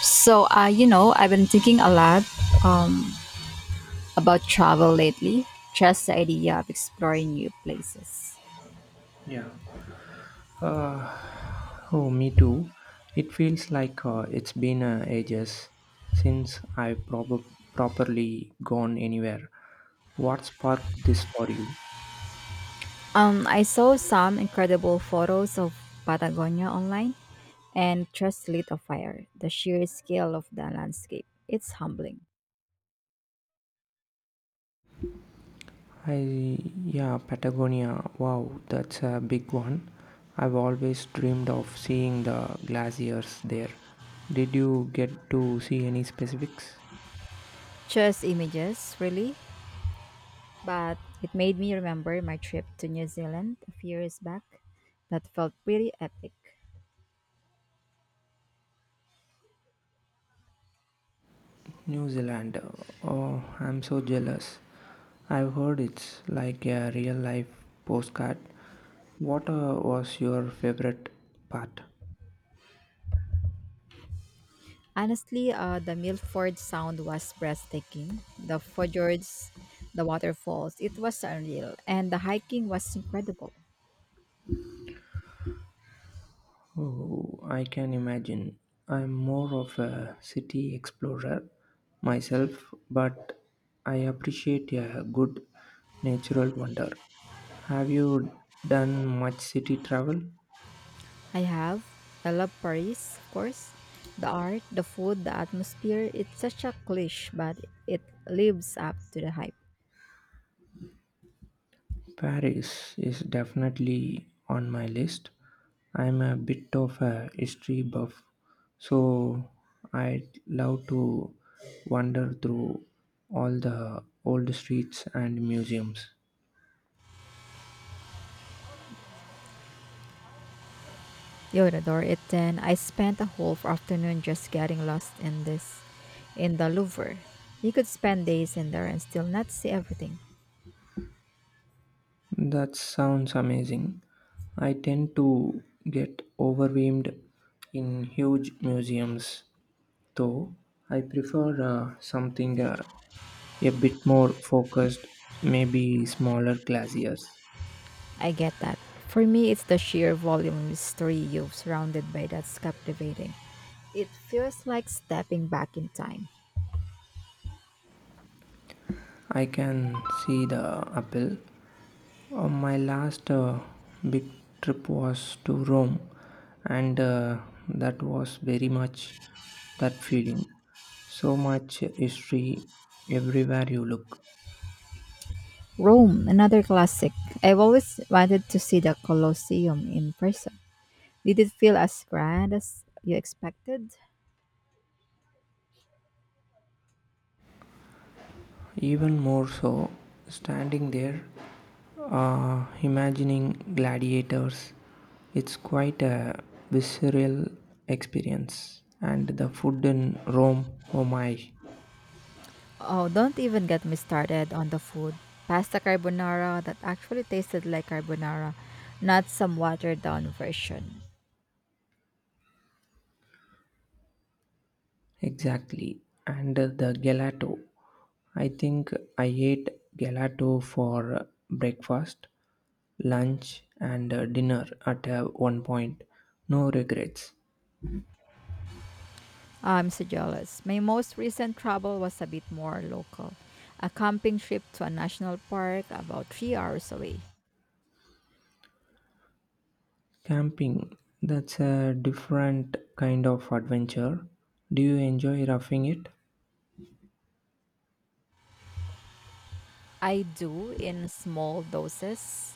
I've been thinking a lot um, about travel lately, just the idea of exploring new places. Yeah. Uh, oh, me too. It feels like it's been ages since I've properly gone anywhere. What sparked this for you? I saw some incredible photos of Patagonia online and just lit a fire. The sheer scale of the landscape, it's humbling. I yeah, Patagonia. Wow, that's a big one. I've always dreamed of seeing the glaciers there. Did you get to see any specifics? Just images, really, but it made me remember my trip to New Zealand a few years back. That felt pretty epic. New Zealand. Oh, I'm so jealous. I've heard it's like a real life postcard. What was your favorite part? Honestly, the Milford Sound was breathtaking. The fjords, the waterfalls, it was unreal. And the hiking was incredible. Oh, I can imagine. I'm more of a city explorer myself, but I appreciate a good natural wonder. Have you done much city travel? I have. I love Paris, of course. The art, the food, the atmosphere, it's such a cliche, but it lives up to the hype. Paris is definitely on my list. I'm a bit of a history buff, so I'd love to wander through all the old streets and museums. You would adore it then. I spent a whole afternoon just getting lost in in the Louvre. You could spend days in there and still not see everything. That sounds amazing. I tend to get overwhelmed in huge museums, though. I prefer something a bit more focused, maybe smaller glaciers. I get that. For me, it's the sheer volume of mystery you've surrounded by that's captivating. It feels like stepping back in time. I can see the apple. My last big trip was to Rome, and that was very much that feeling. So much history everywhere you look. Rome, another classic. I've always wanted to see the Colosseum in person. Did it feel as grand as you expected? Even more so, standing there, imagining gladiators, it's quite a visceral experience. And the food in Rome, oh my. Oh, don't even get me started on the food. Pasta carbonara that actually tasted like carbonara, not some watered down version. Exactly. And the gelato. I think I ate gelato for breakfast, lunch, and dinner at one point. No regrets. I'm so jealous. My most recent travel was a bit more local. A camping trip to a national park about 3 hours away. Camping. That's a different kind of adventure. Do you enjoy roughing it? I do in small doses.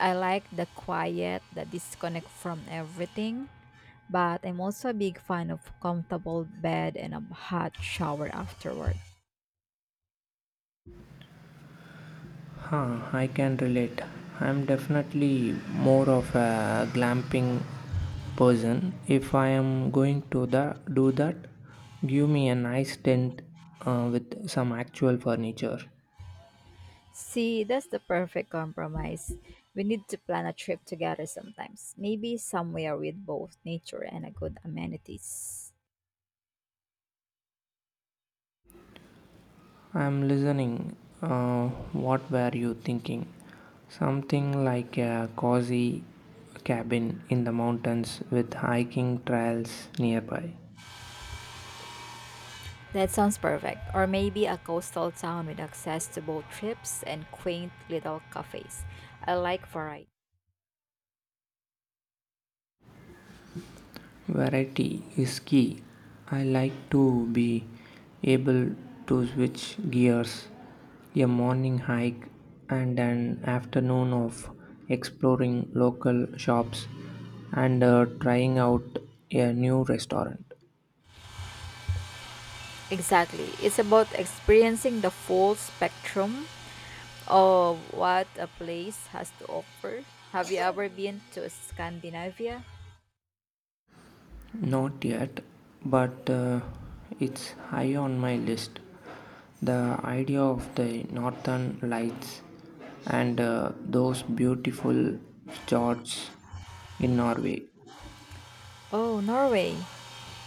I like the quiet, the disconnect from everything, but I'm also a big fan of comfortable bed and a hot shower afterward. Huh, I can relate. I'm definitely more of a glamping person. If I am going to the, do that, give me a nice tent with some actual furniture. See, that's the perfect compromise. We need to plan a trip together sometimes. Maybe somewhere with both nature and a good amenities. I'm listening. Uh, what were you thinking? Something like a cozy cabin in the mountains with hiking trails nearby. That sounds perfect. Or maybe a coastal town with access to boat trips and quaint little cafes. I like variety. Variety is key. I like to be able to switch gears. A morning hike and an afternoon of exploring local shops and trying out a new restaurant. Exactly. It's about experiencing the full spectrum of what a place has to offer. Have you ever been to Scandinavia? Not yet, but it's high on my list. The idea of the northern lights and those beautiful fjords in Norway. Oh, Norway.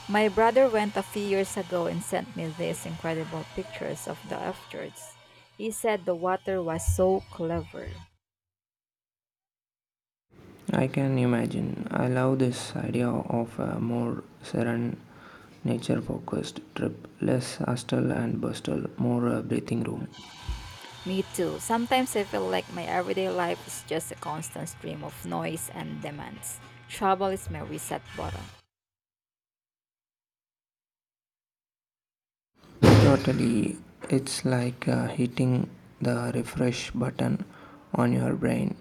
My brother went a few years ago and sent me these incredible pictures of the fjords. He said the water was so clever. I can imagine. I love this idea of a more serene, nature focused trip, less hustle and bustle, more a breathing room. Me too. Sometimes I feel like my everyday life is just a constant stream of noise and demands. Travel is my reset button. Totally, it's like hitting the refresh button on your brain.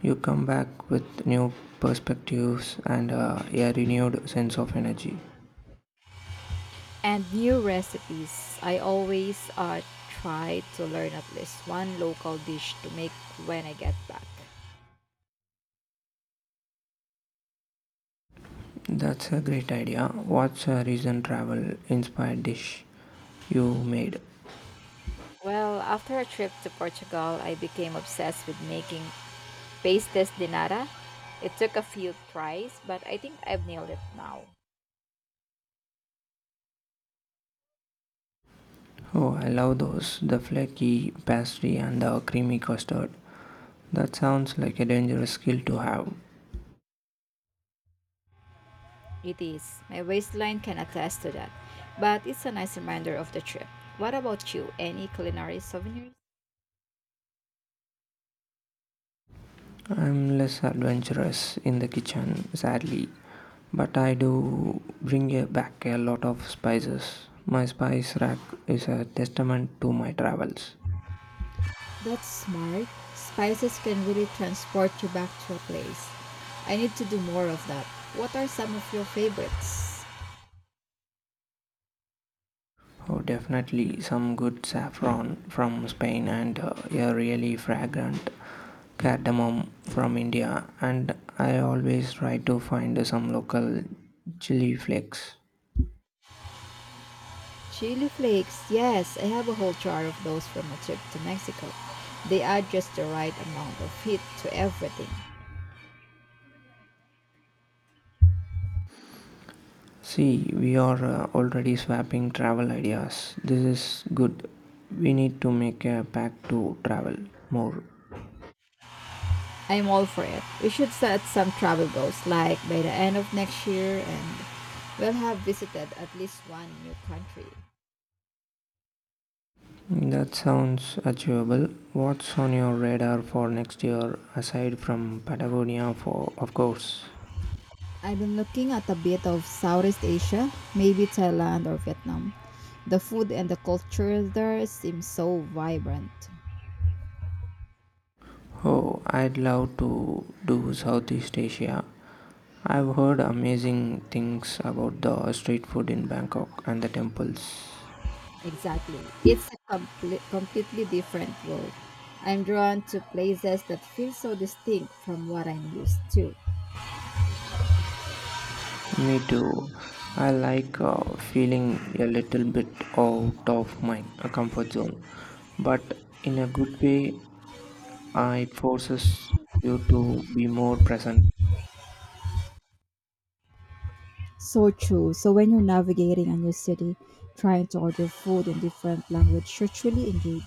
You come back with new perspectives and a renewed sense of energy. And new recipes. I always try to learn at least one local dish to make when I get back. That's a great idea. What's a recent travel inspired dish you made? Well, after a trip to Portugal, I became obsessed with making pastes de nata. It took a few tries, but I think I've nailed it now. Oh, I love those. The flaky pastry and the creamy custard. That sounds like a dangerous skill to have. It is. My waistline can attest to that. But it's a nice reminder of the trip. What about you? Any culinary souvenirs? I'm less adventurous in the kitchen, sadly. But I do bring back a lot of spices. My spice rack is a testament to my travels. That's smart. Spices can really transport you back to a place. I need to do more of that. What are some of your favorites? Oh, definitely some good saffron from Spain and a really fragrant cardamom from India. And I always try to find some local chili flakes. Chili flakes. Yes, I have a whole jar of those from a trip to Mexico. They add just the right amount of heat to everything. See, we are already swapping travel ideas. This is good. We need to make a pact to travel more. I'm all for it. We should set some travel goals, like by the end of next year, and we'll have visited at least one new country. That sounds achievable. What's on your radar for next year aside from Patagonia, for of course? I've been looking at a bit of Southeast Asia, maybe Thailand or Vietnam. The food and the culture there seem so vibrant. Oh, I'd love to do Southeast Asia. I've heard amazing things about the street food in Bangkok and the temples. Exactly. It's a completely different world. I'm drawn to places that feel so distinct from what I'm used to. Me too. I like feeling a little bit out of my comfort zone, but in a good way, it forces you to be more present So true. So when you're navigating a new city, trying to order food in different language, you're truly engaged.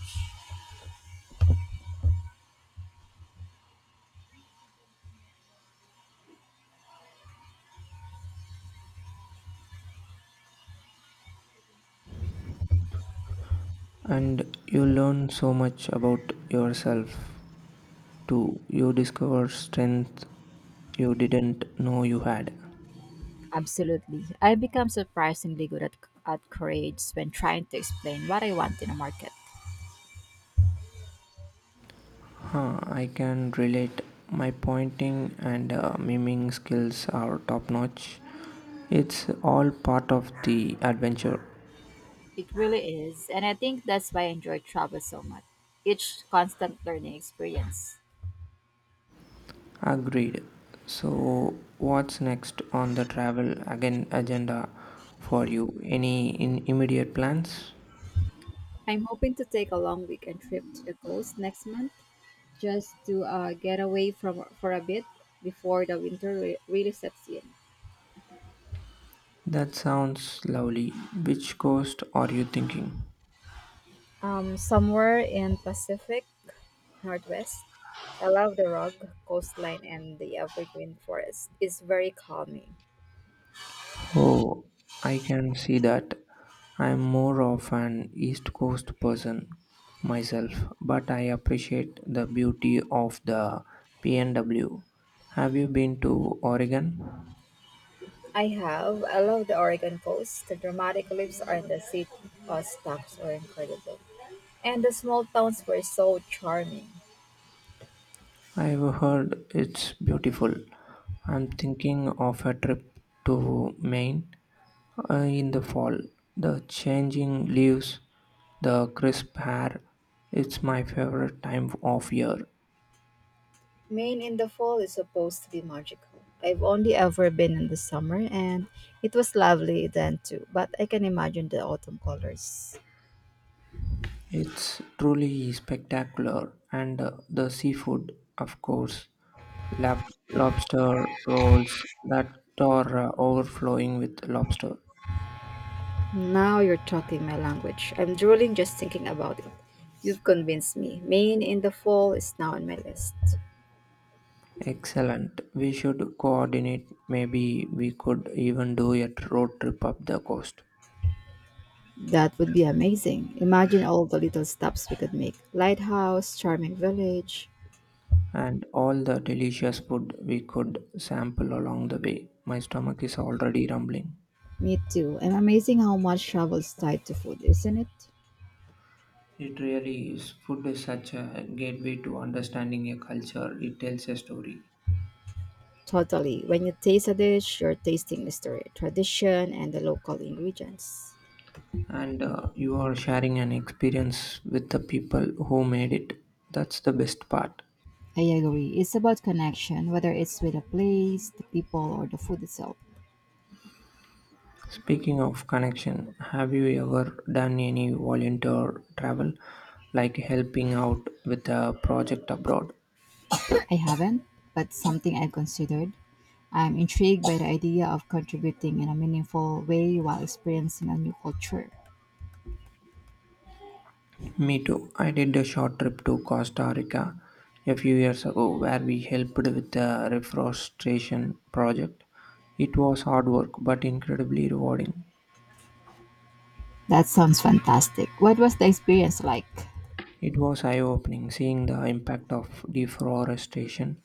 and you learn so much about yourself too. You discover strength you didn't know you had. Absolutely. I become surprisingly good at charades when trying to explain what I want in a market. Huh, I can relate. My pointing and miming skills are top notch. It's all part of the adventure. It really is, and I think that's why I enjoy travel so much. Each constant learning experience. Agreed. So, what's next on the travel again agenda for you? Any immediate plans? I'm hoping to take a long weekend trip to the coast next month just to get away from for a bit before the winter really sets in. That sounds lovely. Which coast are you thinking? Somewhere in Pacific Northwest. I love the rugged coastline and the evergreen forest. It's very calming. Oh, I can see that. I'm more of an East Coast person myself, but I appreciate the beauty of the PNW. Have you been to Oregon? I have. I love the Oregon coast. The dramatic cliffs are in the city. Stops are incredible. And the small towns were so charming. I've heard it's beautiful. I'm thinking of a trip to Maine in the fall. The changing leaves, the crisp air, it's my favorite time of year. Maine in the fall is supposed to be magical. I've only ever been in the summer and it was lovely then too, but I can imagine the autumn colors. It's truly spectacular, and the seafood, of course, Lab- lobster rolls that are overflowing with lobster. Now you're talking my language. I'm drooling just thinking about it. You've convinced me. Maine in the fall is now on my list. Excellent. We should coordinate. Maybe we could even do a road trip up the coast. That would be amazing. Imagine all the little stops we could make. Lighthouse, charming village. And all the delicious food we could sample along the way. My stomach is already rumbling. Me too. And amazing how much travel is tied to food, isn't it? It really is. Food is such a gateway to understanding a culture. It tells a story. Totally. When you taste a dish, you're tasting history, tradition, and the local ingredients. And you are sharing an experience with the people who made it. That's the best part. I agree. It's about connection, whether it's with a place, the people, or the food itself. Speaking of connection, have you ever done any volunteer travel, like helping out with a project abroad? I haven't, but something I've considered. I'm intrigued by the idea of contributing in a meaningful way while experiencing a new culture. Me too. I did a short trip to Costa Rica a few years ago where we helped with a reforestation project. It was hard work but incredibly rewarding. That sounds fantastic. What was the experience like? It was eye opening seeing the impact of deforestation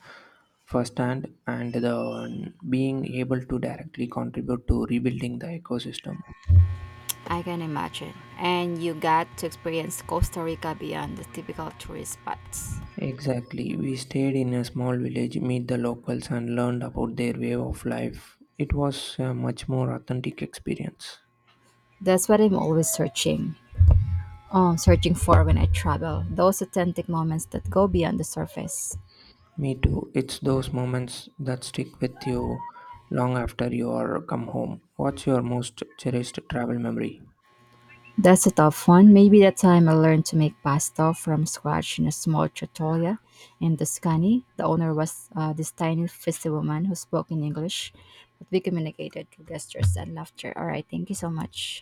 firsthand and the being able to directly contribute to rebuilding the ecosystem. I can imagine. And you got to experience Costa Rica beyond the typical tourist spots. Exactly. We stayed in a small village, meet the locals, and learned about their way of life. It was a much more authentic experience. That's what I'm always searching for when I travel. Those authentic moments that go beyond the surface. Me too. It's those moments that stick with you long after you are come home. What's your most cherished travel memory? That's a tough one. Maybe that time I learned to make pasta from scratch in a small trattoria in Tuscany. The owner was this tiny, feisty woman who spoke in English, but we communicated through gestures and laughter. All right, thank you so much.